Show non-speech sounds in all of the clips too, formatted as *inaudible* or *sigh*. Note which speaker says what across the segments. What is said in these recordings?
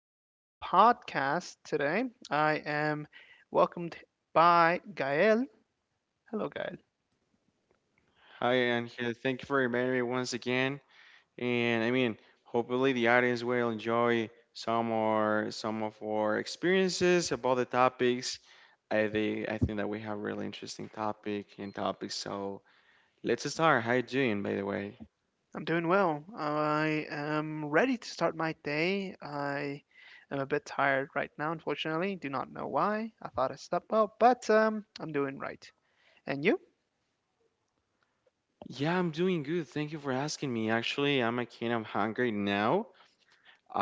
Speaker 1: To a podcast today. I am welcomed by Gael. Hello, Gael.
Speaker 2: Hi, and here, thank you for inviting me once again. And I mean, hopefully the audience will enjoy some of our experiences about the topics. I think that we have really interesting topic and topics. So let's start. How you doing, by the way?
Speaker 1: I'm doing well. I am ready to start my day. I am a bit tired right now, unfortunately. Do not know why. I thought I slept well, but I'm doing right. And you?
Speaker 2: Yeah, I'm doing good. Thank you for asking me. Actually, I'm a kid. I'm hungry now.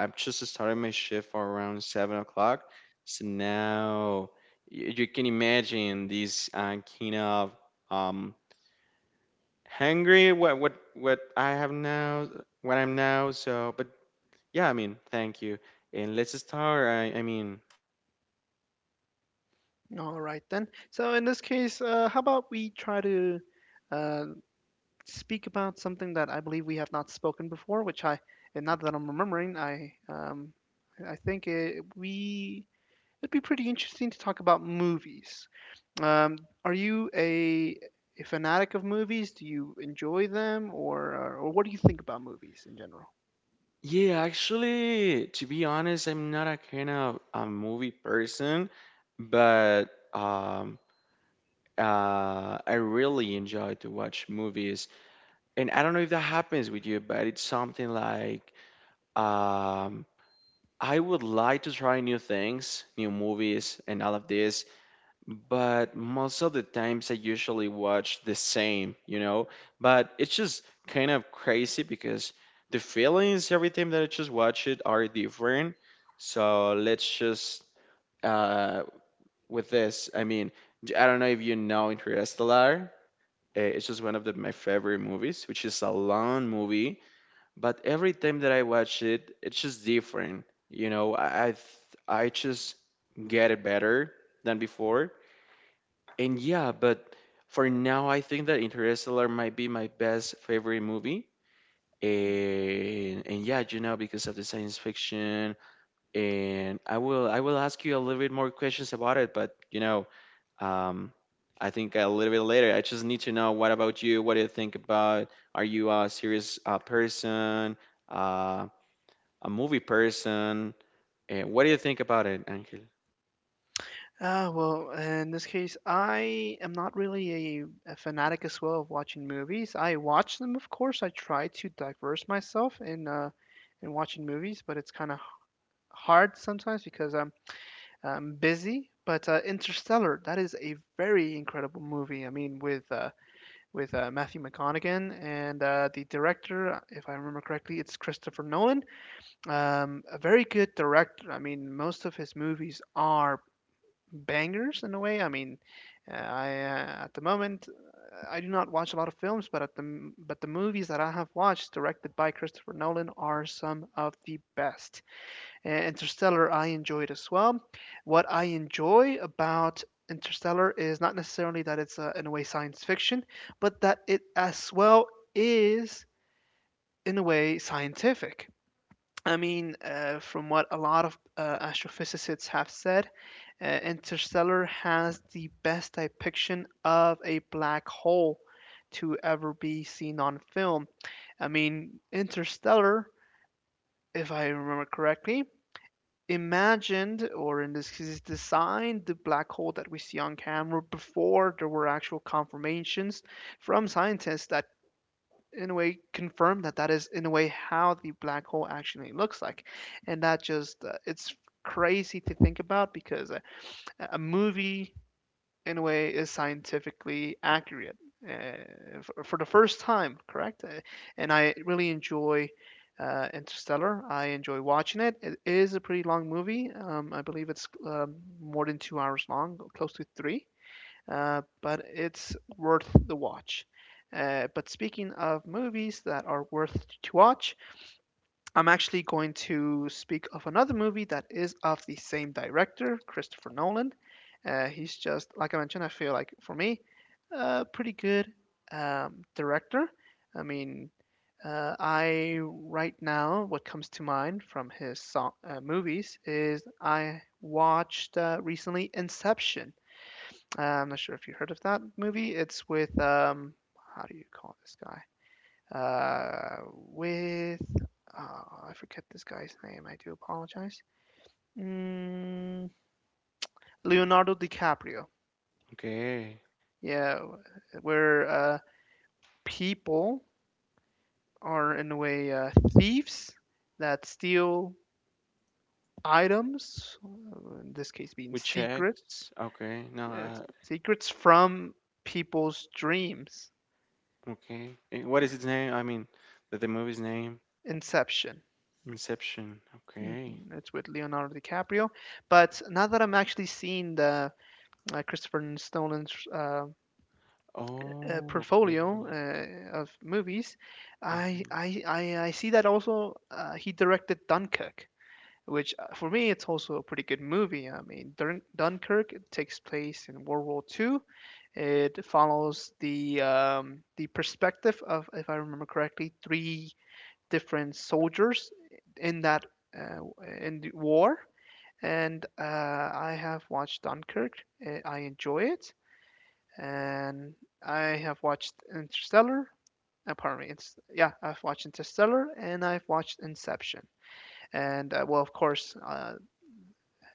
Speaker 2: I've just started my shift for around 7 o'clock. So now you can imagine this kind of um hungry what I have now, what I'm now, so but yeah, I mean, thank you, and let's start. I mean,
Speaker 1: All right then. So in this case, how about we try to uh, speak about something that I believe we have not spoken before, and not that I'm remembering, I think it'd be pretty interesting to talk about movies. Um, are you a fanatic of movies? Do you enjoy them, or what do you think about movies in general?
Speaker 2: yeah, actually, to be honest, I'm not a kind of a movie person, but um I really enjoy to watch movies. And I don't know if that happens with you, but it's something like, um I would like to try new things, new movies, and all of this, but most of the times I usually watch the same. But it's just kind of crazy because the feelings every time that I just watch it are different. So let's just uh, with this. I mean, I don't know if you know Interstellar. It's just one of the, my favorite movies, which is a long movie. But every time that I watch it, it's just different. You know, I just get it better than before. And yeah, but for now, I think that Interstellar might be my best favorite movie. And yeah, you know, because of the science fiction, and I will ask you a little bit more questions about it. But you know, um, I think a little bit later. I just need to know, what about you? What do you think about? Are you a serious person? Uh, a movie person? And what do you think about it, Angel?
Speaker 1: Well, in this case, I am not really a fanatic as well of watching movies. I watch them, of course. I try to diverse myself in watching movies, but it's kind of hard sometimes because I'm busy. But Interstellar, that is a very incredible movie. I mean, with Matthew McConaughey and the director, if I remember correctly, it's Christopher Nolan. A very good director. I mean, most of his movies are bangers in a way. I mean, I at the moment I do not watch a lot of films, but at the but the movies that I have watched directed by Christopher Nolan are some of the best. Interstellar, I enjoyed as well. What I enjoy about Interstellar is not necessarily that it's in a way science fiction, but that it as well is in a way scientific. I mean, from what a lot of astrophysicists have said, Interstellar has the best depiction of a black hole to ever be seen on film. I mean, Interstellar, if I remember correctly, imagined or in this case designed the black hole that we see on camera before there were actual confirmations from scientists that in a way confirm that that is in a way how the black hole actually looks like, and that just it's crazy to think about, because a movie in a way is scientifically accurate for the first time, correct? And I really enjoy Interstellar. I enjoy watching it. It is a pretty long movie. I believe it's more than 2 hours long, close to three, but it's worth the watch. But speaking of movies that are worth to watch, I'm actually going to speak of another movie that is of the same director, Christopher Nolan. He's just, like I mentioned, I feel like for me, a pretty good director. I mean, I right now, what comes to mind from his song, movies is I watched recently Inception. I'm not sure if you heard of that movie. It's with how do you call this guy? Uh, with uh, I forget this guy's name. I do apologize. Mm, Leonardo DiCaprio.
Speaker 2: Okay,
Speaker 1: Yeah, where people are in a way thieves that steal items, in this case being
Speaker 2: we
Speaker 1: secrets,
Speaker 2: checked. Okay, no,
Speaker 1: yes,
Speaker 2: uh,
Speaker 1: secrets from people's dreams.
Speaker 2: Okay. And what
Speaker 1: Uh,
Speaker 2: is its name? I mean, the movie's name?
Speaker 1: Inception.
Speaker 2: Inception.
Speaker 1: hmm
Speaker 2: Okay.
Speaker 1: It's with Leonardo DiCaprio. But now that I'm actually seeing the Christopher Nolan's
Speaker 2: Oh, okay.
Speaker 1: portfolio of movies, I,
Speaker 2: Uh-huh.
Speaker 1: I I I see that also he directed Dunkirk, which for me it's also a pretty good movie. I mean, Dunkirk it takes place in World War II. It follows the perspective of, if I remember correctly, three different soldiers in that uh, in the war. And I have watched Dunkirk. I enjoy it and I have watched Interstellar. Pardon me, it's yeah, I've watched Interstellar and I've watched Inception. And well, of course,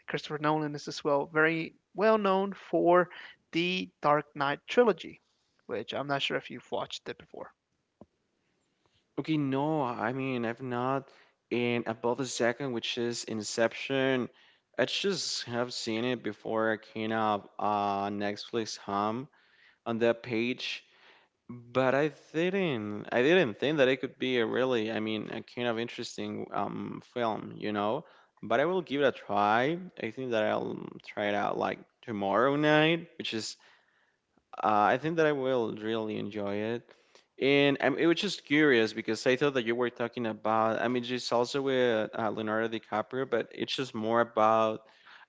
Speaker 1: Christopher Nolan is as well very well known for the Dark Knight trilogy, which I'm not sure if you've watched it before.
Speaker 2: Okay, no, I mean, I've not. And about the second, which is Inception, I just have seen it before I came up on Netflix Home on that page. But I didn't think that it could be a really, I mean, a kind of interesting film. But I will give it a try. I think that I'll try it out like tomorrow night, which is I think that I will really enjoy it. And it was just curious because I thought that you were talking about, I mean, it's also with Leonardo DiCaprio, but it's just more about,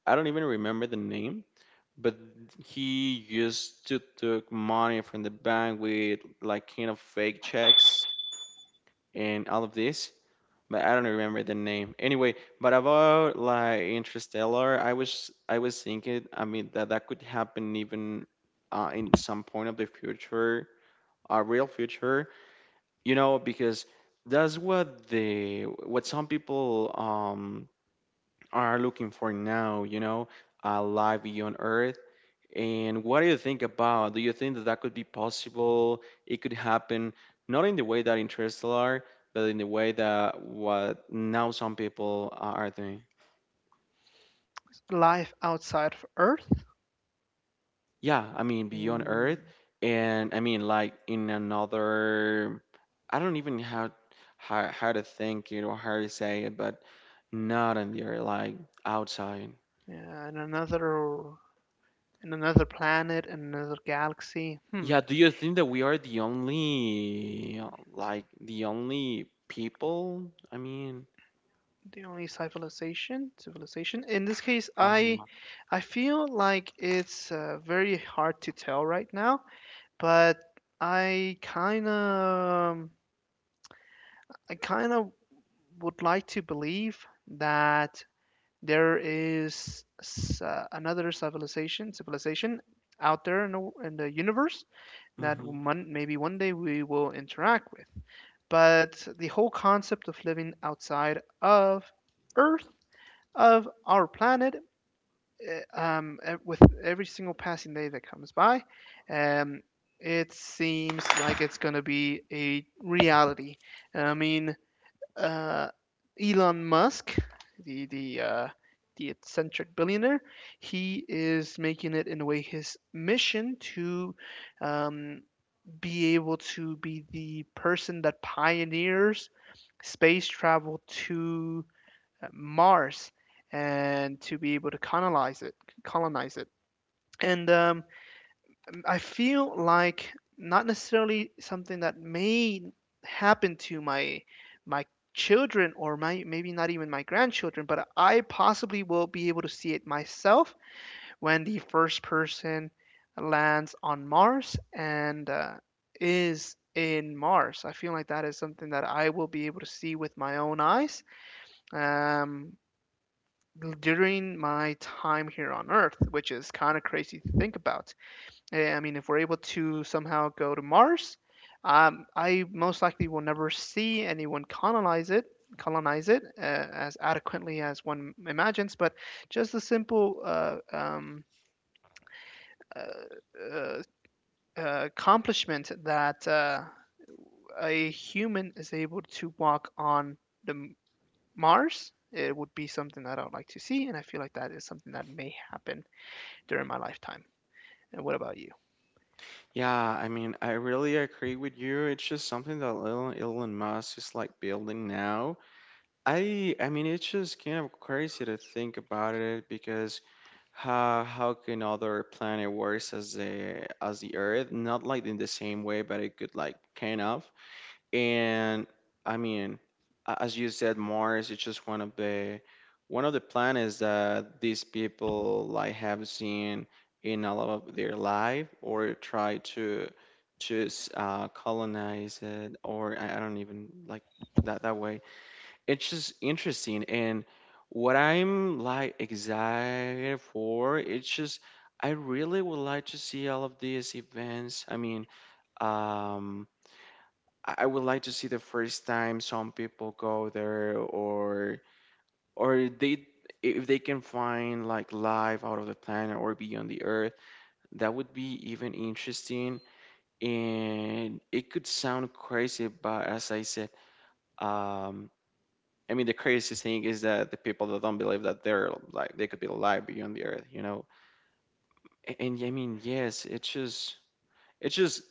Speaker 2: I don't even remember the name, but he used to took money from the bank with like kind of fake checks and all of this, but I don't remember the name anyway. But about like Interstellar, I was thinking, I mean, that that could happen even in some point of the future, a real future, you know, because that's what the what some people are looking for now, you know, a life beyond Earth. And what do you think about? Do you think that that could be possible? It could happen, not in the way that Interstellar, but in the way that what now some people are doing.
Speaker 1: Life outside of Earth.
Speaker 2: Yeah, I mean, beyond Earth,
Speaker 1: Mm.
Speaker 2: and I mean, like in another. I don't even how how to think it or how to say it, but not in the Earth, like outside.
Speaker 1: Yeah, in another planet, in another galaxy. Hmm.
Speaker 2: Yeah, do you think that we are the only, like the only people? I mean.
Speaker 1: The only civilization. In this case, I,
Speaker 2: Uh,
Speaker 1: I feel like it's very hard to tell right now. But I kind of, I kind of would like to believe that there is another civilization out there in the universe that
Speaker 2: hmm
Speaker 1: maybe one day we will interact with. But the whole concept of living outside of Earth, of our planet, with every single passing day that comes by. Um, it seems like it's going to be a reality. I mean, uh, Elon Musk, the the uh, the eccentric billionaire, he is making it in a way his mission to um, be able to be the person that pioneers space travel to Mars and to be able to colonize it, colonize it. And I feel like not necessarily something that may happen to my children, or my, maybe not even my, grandchildren, but I possibly will be able to see it myself when the first person lands on Mars and is in Mars. I feel like that is something that I will be able to see with my own eyes. Um, During my time here on Earth, which is kind of crazy to think about. I mean, if we're able to somehow go to Mars, I most likely will never see anyone colonize it as adequately as one imagines. But just the simple uh, uh, accomplishment that a human is able to walk on the Mars. It would be something that I would like to see, and I feel like that is something that may happen during my lifetime. And what about you?
Speaker 2: Yeah, I mean, I really agree with you. It's just something that Elon Musk is like building now. I mean, it's just kind of crazy to think about it, because how can other planet works as the Earth? Not like in the same way, but it could like kind of. And I mean, as you said, Mars is just one of the planets that these people like have seen in a lot of their life or try to just colonize it, or I don't even like that that way. It's just interesting, and what I'm like excited for, it's just I really would like to see all of these events. I mean, um I would like to see the first time some people go there, or they if they can find like life out of the planet or beyond the Earth, that would be even interesting. And it could sound crazy, but as I said, um, I mean, the craziest thing is that the people that don't believe that they're like they could be alive beyond the earth. And, I mean, yes, it's just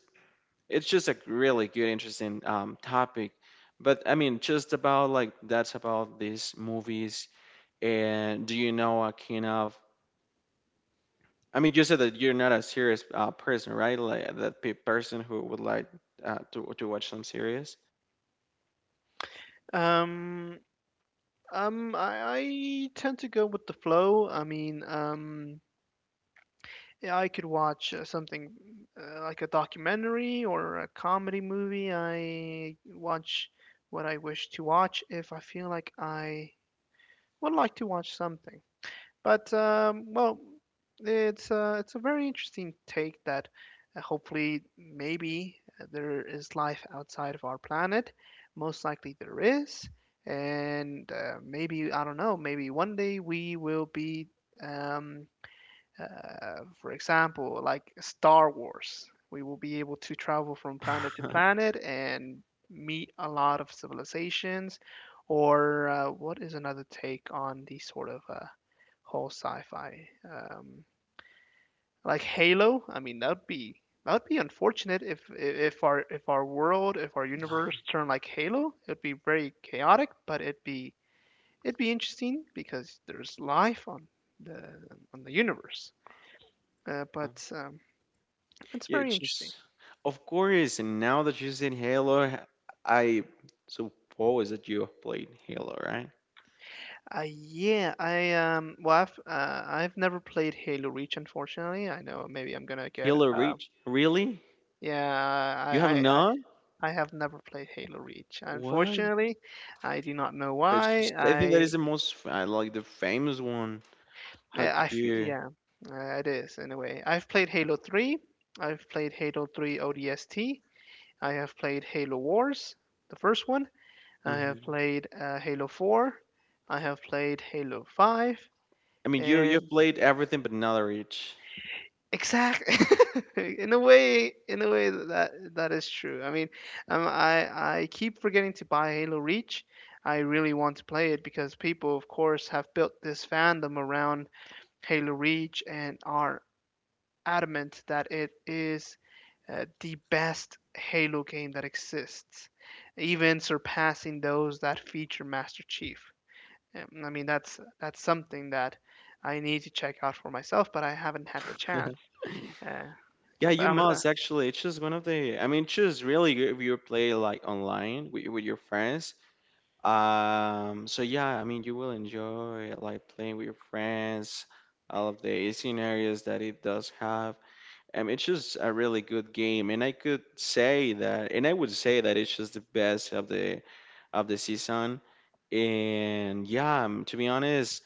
Speaker 2: it's just a really good interesting topic. But I mean, just about like that's about these movies, and do you know a kind of, I mean, you said that you're not a serious person, right, like that person who would like to watch some series.
Speaker 1: Um, I tend to go with the flow. I mean, yeah, I could watch something like a documentary or a comedy movie. I watch what I wish to watch if I feel like I would like to watch something. But well, it's a very interesting take that hopefully maybe there is life outside of our planet. Most likely there is, and maybe I don't know. Maybe one day we will be, um, for example, like Star Wars. We will be able to travel from planet to
Speaker 2: *laughs*
Speaker 1: planet and meet a lot of civilizations. Or what is another take on these sort of whole sci-fi. Like Halo, I mean that'd be unfortunate if our world if our universe turned like Halo. It'd be very chaotic, but it'd be interesting because there's life on the the universe. But it's
Speaker 2: Yeah,
Speaker 1: very interesting.
Speaker 2: just of course, and now that you're saying Halo, I suppose that you have played Halo, right?
Speaker 1: Yeah, I well I've never played Halo Reach, unfortunately. I know maybe I'm gonna get
Speaker 2: Halo Reach, really?
Speaker 1: yeah. I
Speaker 2: You have
Speaker 1: I, I
Speaker 2: not.
Speaker 1: I have never played Halo Reach.
Speaker 2: What?
Speaker 1: Unfortunately, I do not know
Speaker 2: But it's
Speaker 1: why.
Speaker 2: just, I think that is the most I like the famous one. How could you?
Speaker 1: Yeah, it is in a way. I've played Halo 3. I've played Halo 3 ODST. I have played Halo Wars, the first one. I have
Speaker 2: Mhm.
Speaker 1: played Halo 4. I have played Halo 5,
Speaker 2: I mean, you've
Speaker 1: and
Speaker 2: played everything but not Reach.
Speaker 1: exactly. *laughs* In a way that that is true. I mean, um, I I keep forgetting to buy Halo Reach. I really want to play it because people, of course, have built this fandom around Halo Reach and are adamant that it is the best Halo game that exists, even surpassing those that feature Master Chief. I mean, that's something that I need to check out for myself, but I haven't had the chance.
Speaker 2: *laughs*
Speaker 1: Uh, yeah,
Speaker 2: Yeah,
Speaker 1: but
Speaker 2: you
Speaker 1: I'm.
Speaker 2: must actually. It's just one of the. I mean, it's just really good if you play like online with your friends. So yeah, I mean, you will enjoy like playing with your friends. All of the scenarios that it does have. It's just a really good game, and I could say that, and I would say that it's just the best of the season. And yeah, to be honest,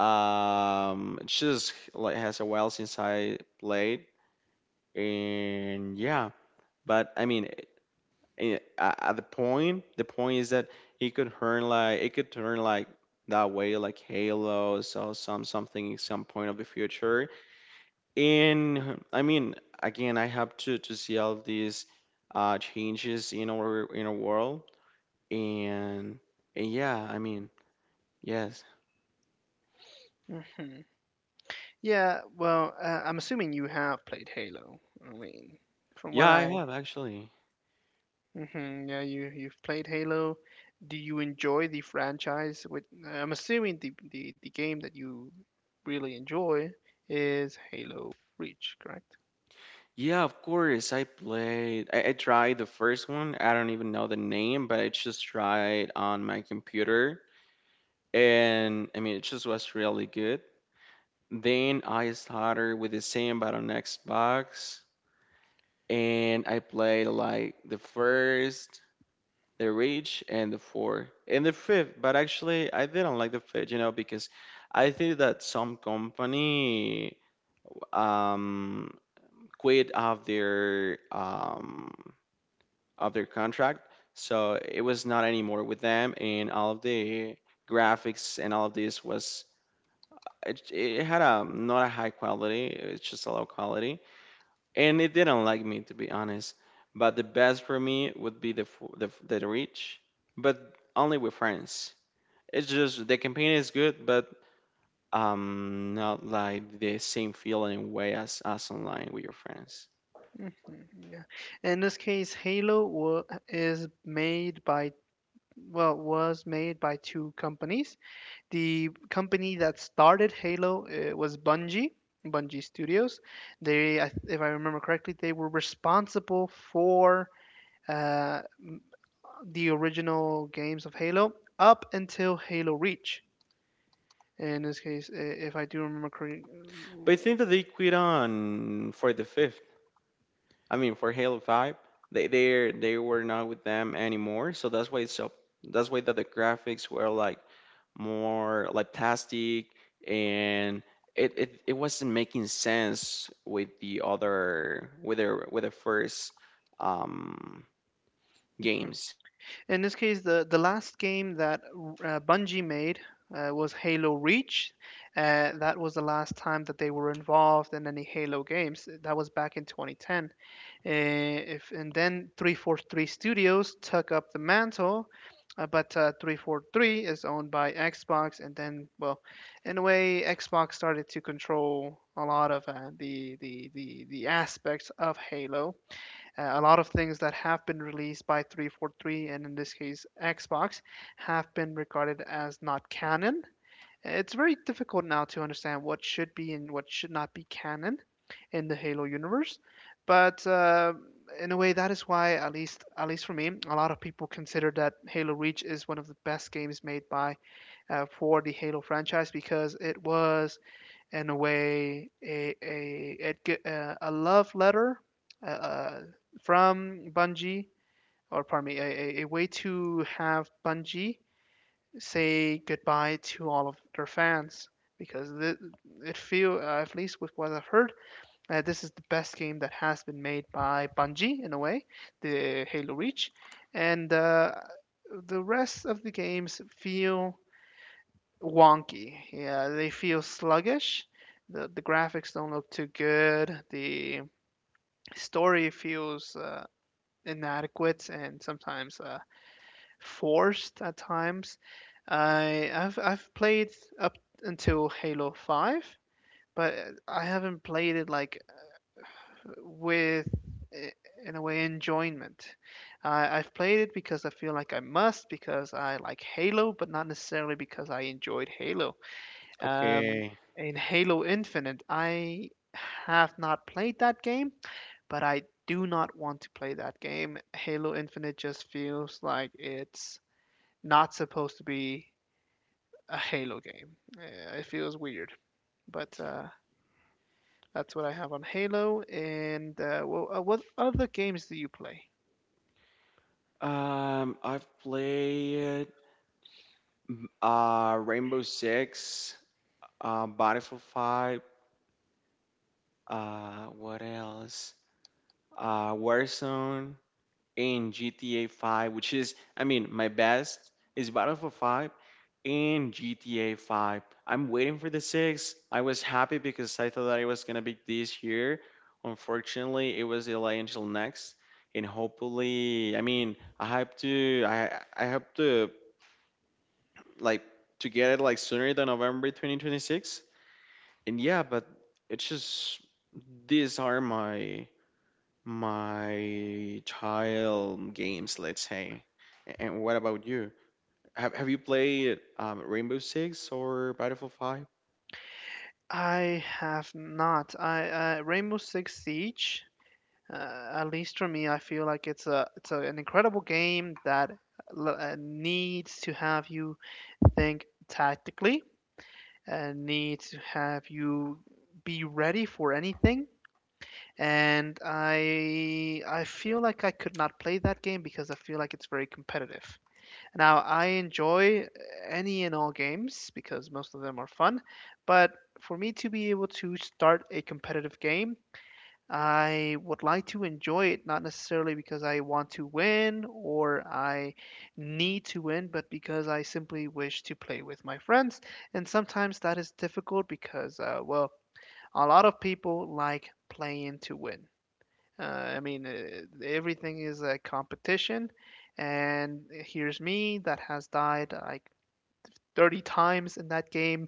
Speaker 2: it's just like has a while since I played. And yeah, but I mean, at the point, the point is that it could turn like it could turn like that way like Halo, so some something some point of the future. And I mean, again, I have to see all of these changes in our world, and, and yeah, I mean, yes.
Speaker 1: hmm Yeah, well, I'm assuming you have played Halo. I mean, from what
Speaker 2: Yeah, I
Speaker 1: I.
Speaker 2: have actually.
Speaker 1: Yeah, you've played Halo. Do you enjoy the franchise? With, I'm assuming, the game that you really enjoy is Halo Reach, correct?
Speaker 2: Yeah, of course. I played. I tried the first one. I don't even know the name, but I just tried on my computer, and I mean, it just was really good. Then I started with the same, but on Xbox, and I played like the first, the Reach, and the four, and the fifth. But actually, I didn't like the fifth, you know, because I think that some company um quit of their contract. So it was not anymore with them, and all of the graphics and all of this was it, it had a not a high quality. It's just a low quality, and it didn't like me, to be honest. But the best for me would be the reach, but only with friends. It's just the campaign is good, but not like the same feeling way as online with your friends.
Speaker 1: hmm yeah. In this case, Halo wa- is made by well was made by two companies. The company that started Halo was Bungie, Bungie Studios. They, if I remember correctly, they were responsible for uh, the original games of Halo up until Halo Reach. In this case, if I do remember correctly,
Speaker 2: But I think that they quit on for the fifth. I mean, for Halo 5, they were not with them anymore, so that's why it's so that's why that the graphics were like more like plastic, and it wasn't making sense with the other with the first um games.
Speaker 1: the last game that Bungie made was Halo Reach. That was the last time that they were involved in any Halo games. That was back in 2010. Eh, if, and then 343 Studios took up the mantle, but 343 is owned by Xbox. And then, well, in a way, Xbox started to control a lot of the aspects of Halo. A lot of things that have been released by 343, and in this case, Xbox, have been regarded as not canon. It's very difficult now to understand what should be and what should not be canon in the Halo universe, but in a way, that is why, at least for me, a lot of people consider that Halo Reach is one of the best games made by for the Halo franchise because it was, in a way, a love letter uh, uh, from Bungie, or pardon me, a way to have Bungie say goodbye to all of their fans because th- it feel, at least with what I've heard, this is the best game that has been made by Bungie in a way, the Halo Reach, and the rest of the games feel wonky. Yeah, they feel sluggish. The graphics don't look too good. The story feels inadequate and sometimes forced at times. I've played up until Halo 5, but I haven't played it like with in a way, enjoyment. I've played it because I feel like I must because I like Halo, but not necessarily because I enjoyed Halo. Um,
Speaker 2: Okay.
Speaker 1: in Halo Infinite, I have not played that game, but I do not want to play that game. Halo Infinite just feels like it's not supposed to be a Halo game. It feels weird, but that's what I have on Halo. And well, what other games do you play?
Speaker 2: I've played Rainbow Six, Battlefield 5, what else? Warzone. In GTA 5, which is, I mean, my best is Battlefield 5 and GTA 5. I'm waiting for the 6. I was happy because I thought that it was going to be this year. Unfortunately, it was delayed until next. And hopefully, I mean, I hope to, like, to get it, like, sooner than November 2026. And yeah, but it's just, these are my child games, let's say. And what about you? Have you played Rainbow Six or Battlefield 5,
Speaker 1: I have not. I Rainbow Six Siege. At least for me, I feel like it's an incredible game that needs to have you think tactically and needs to have you be ready for anything, and I feel like I could not play that game because I feel like it's very competitive. Now, I enjoy any and all games because most of them are fun, but for me to be able to start a competitive game, I would like to enjoy it, not necessarily because I want to win or I need to win, but because I simply wish to play with my friends. And sometimes that is difficult because, well, a lot of people like playing to win. Uh, I mean, everything is a competition, and here's me that has died like 30 times in that game,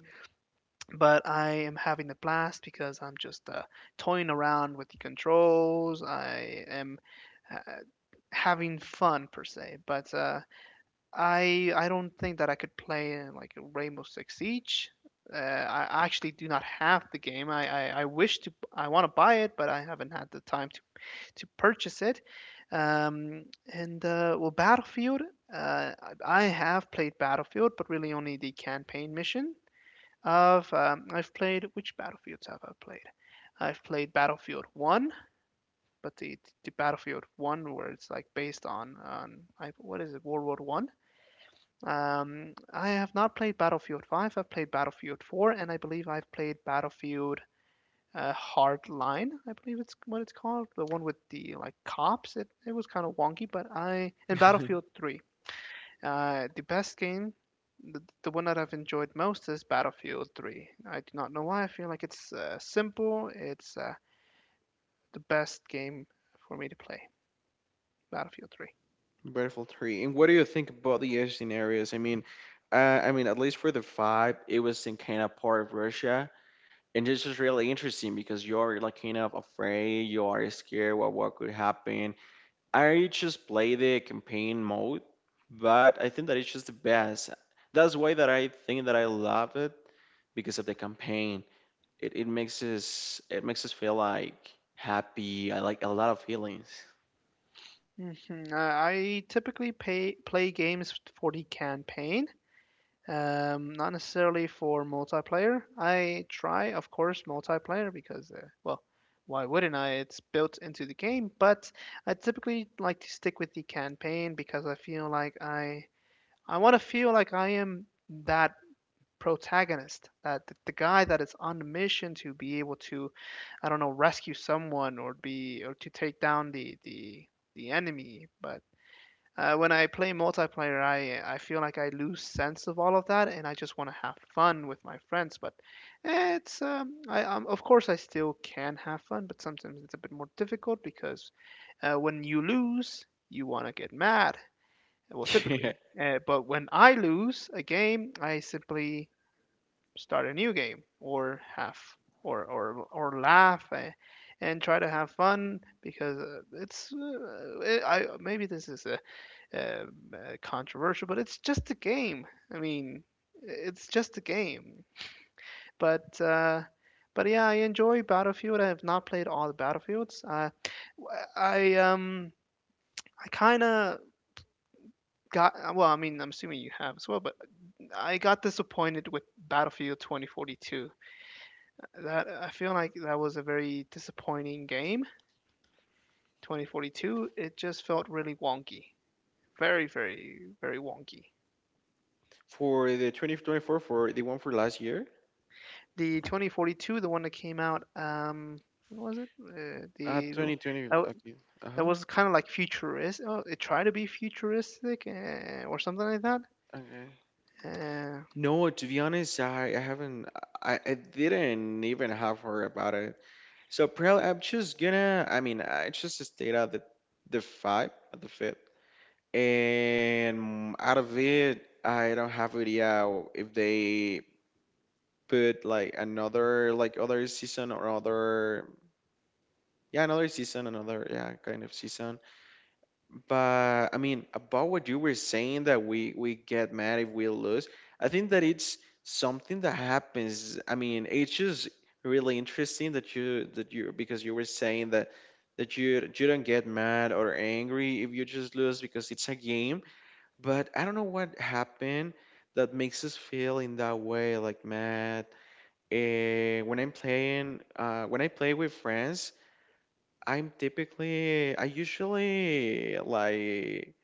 Speaker 1: but I am having a blast because I'm just toying around with the controls. I am uh, having fun per se, but I don't think that I could play in like Rainbow Six Siege. I actually do not have the game. I wish to, I want to buy it, but I haven't had the time to purchase it. Um, and well, Battlefield, I have played Battlefield, but really only the campaign mission. Of I've played, which battlefields have I played? I've played Battlefield One, but the Battlefield One where it's like based on what is it, World War One? I have not played Battlefield Five. I've played Battlefield Four, and I believe I've played Battlefield Hard Line, I believe it's what it's called, the one with the like cops. It was kind of wonky, but I in Battlefield 3, the best game, the one that I've enjoyed most is Battlefield 3. I do not know why. I feel like it's simple. It's the best game for me to play. Battlefield 3.
Speaker 2: Battlefield 3? And what do you think about the Asian areas? I mean, at least for the 5, it was in kind of part of Russia, and this is really interesting because you are like kind of afraid, you are scared what could happen. I just play the campaign mode, but I think that it's just the best. That's why that I think that I love it, because of the campaign. It makes us it makes us feel like happy. I like a lot of feelings.
Speaker 1: I typically play games for the campaign. Not necessarily for multiplayer. I try, of course, multiplayer because, well, why wouldn't I? It's built into the game, but I typically like to stick with the campaign because I feel like I want to feel like I am that protagonist, the guy that is on the mission to be able to, I don't know, rescue someone or be, or to take down the the enemy. But when I play multiplayer, I feel like I lose sense of all of that, and I just want to have fun with my friends. But eh, it's I of course I still can have fun, but sometimes it's a bit more difficult because when you lose, you want to get mad. Well,
Speaker 2: *laughs* Yeah.
Speaker 1: typically. But when I lose a game, I simply start a new game or have or laugh, and try to have fun because maybe this is a controversial, but it's just a game. I mean, it's just a game. But uh, but yeah, I enjoy Battlefield. I have not played all the Battlefields. I um I kind of got, well, I mean, I'm assuming you have as well. But I got disappointed with Battlefield 2042. That, I feel like that was a very disappointing game. 2042. It just felt really wonky. Very, very, very wonky.
Speaker 2: For the 2024, for the one for last year?
Speaker 1: The 2042, the one that came out, when was it? The
Speaker 2: 2020,
Speaker 1: That,
Speaker 2: okay.
Speaker 1: that
Speaker 2: Uh-huh.
Speaker 1: was kind of like futuristic. Oh, it tried to be futuristic, or something like that.
Speaker 2: Okay.
Speaker 1: Uh,
Speaker 2: No, to be honest, I haven't I didn't even have her about it. So probably I'm just gonna, I mean, I just stayed at the five at the fifth. And out of it, I don't have idea if they put like another like other season or other, yeah, another season, another, yeah, kind of season. But I mean, about what you were saying that we get mad if we lose. I think that it's something that happens, I mean, it's just really interesting that you because you were saying that that you don't get mad or angry if you just lose because it's a game. But I don't know what happened that makes us feel in that way, like mad. And when I'm playing, when I play with friends, I'm typically, I usually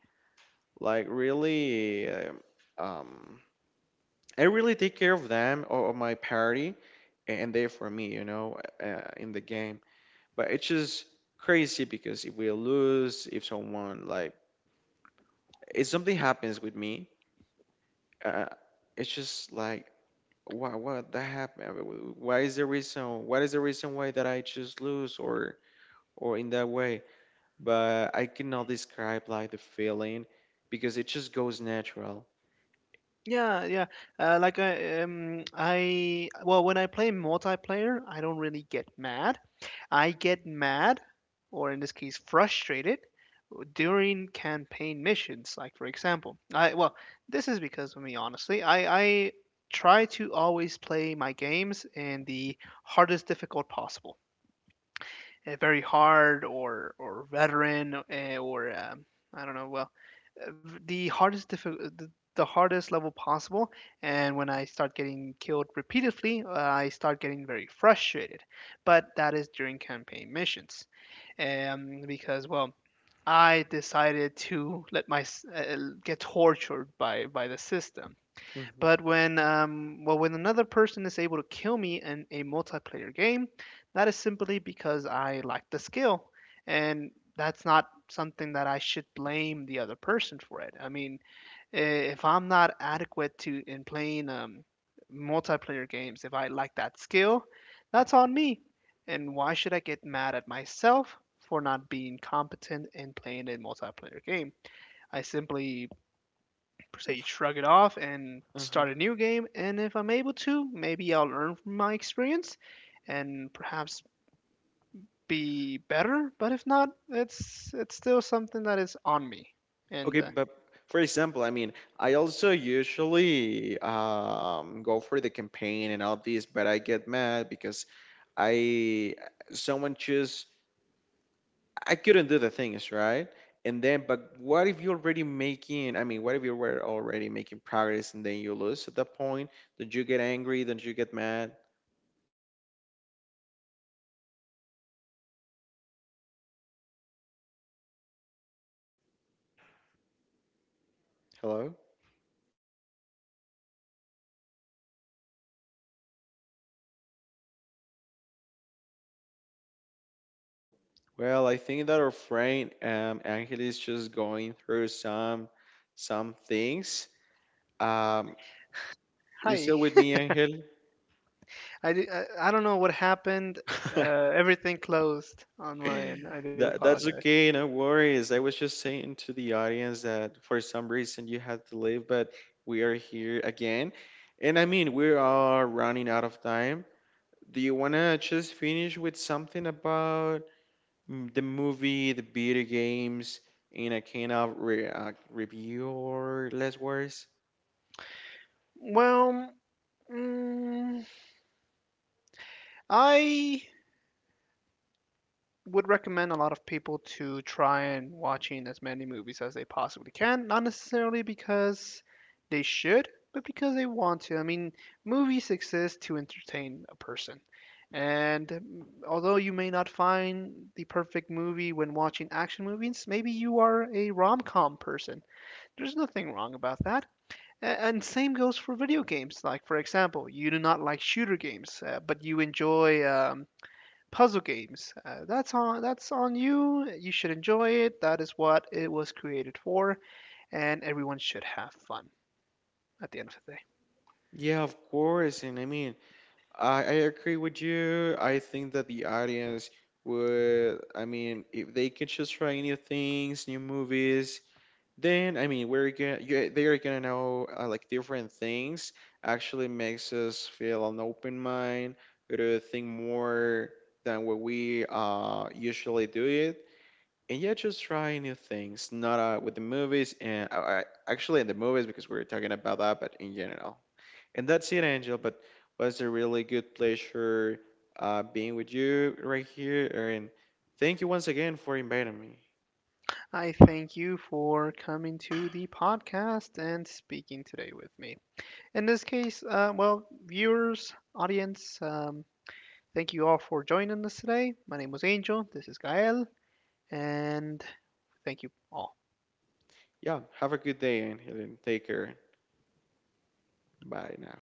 Speaker 2: like really, um, I really take care of them, or my party, and they for me, you know, in the game. But it's just crazy because if we lose, if someone like, if something happens with me, uh, it's just like why what that happened. Why is the reason, what is the reason why that I just lose, or in that way. But I cannot describe like the feeling, because it just goes natural.
Speaker 1: yeah, yeah. Like I well, when I play multiplayer, I don't really get mad. I get mad, or in this case, frustrated during campaign missions. Like, for example, well, this is because of me, honestly. I try to always play my games in the hardest difficult possible, very hard or veteran, or I don't know. Well, the hardest level possible. And when I start getting killed repeatedly, I start getting very frustrated. But that is during campaign missions, because well, I decided to let my s- get tortured by the system.
Speaker 2: Mm-hmm.
Speaker 1: But when well, when another person is able to kill me in a multiplayer game, that is simply because I lack the skill, and that's not something that I should blame the other person for. It. I mean, if I'm not adequate to in playing multiplayer games, if I lack that skill, that's on me. And why should I get mad at myself for not being competent in playing a multiplayer game? I simply say shrug it off and
Speaker 2: Uh-huh.
Speaker 1: start a new game. And if I'm able to, maybe I'll learn from my experience and perhaps be better. But if not, it's still something that is on me. And
Speaker 2: Okay, but for example, I mean, I also usually go for the campaign and all this, but I get mad because I, someone just, I couldn't do the things right, and then, but what if you're already making, I mean, what if you were already making progress and then you lose at that point, don't you get angry, don't you get mad? Hello. Well, I think that our friend Angel is just going through some things. Um, you
Speaker 1: Hi.
Speaker 2: still with me, Angel?
Speaker 1: I don't know what happened.
Speaker 2: *laughs*
Speaker 1: Everything closed on my end. I do
Speaker 2: That's
Speaker 1: apologize.
Speaker 2: okay, no worries. I was just saying to the audience that for some reason you had to leave, but we are here again. And I mean, we are running out of time. Do you wanna just finish with something about the movie, the video games, in a kind of re review or less worse?
Speaker 1: Well, mm, I would recommend a lot of people to try and watching as many movies as they possibly can. Not necessarily because they should, but because they want to. I mean, movies exist to entertain a person. And, although you may not find the perfect movie when watching action movies, maybe you are a rom-com person. There's nothing wrong about that. And same goes for video games. Like, for example, you do not like shooter games, but you enjoy puzzle games. That's on you. You should enjoy it. That is what it was created for, and everyone should have fun at the end of the day.
Speaker 2: Yeah, of course. And I mean, I agree with you. I think that the audience would, I mean, if they could just try new things, new movies, then I mean, we're gonna, you, they are gonna know like different things. Actually, makes us feel an open mind to think more than what we usually do it. And yeah, just try new things, not with the movies and actually in the movies because we're talking about that, but in general. And that's it, Angel. But was a really good pleasure being with you right here. And thank you once again for inviting me.
Speaker 1: I thank you for coming to the podcast and speaking today with me. In this case, well, viewers, audience, thank you all for joining us today. My name was Angel. This is Gael. And thank you all.
Speaker 2: Yeah, have a good day, Angel, and take care. Bye now.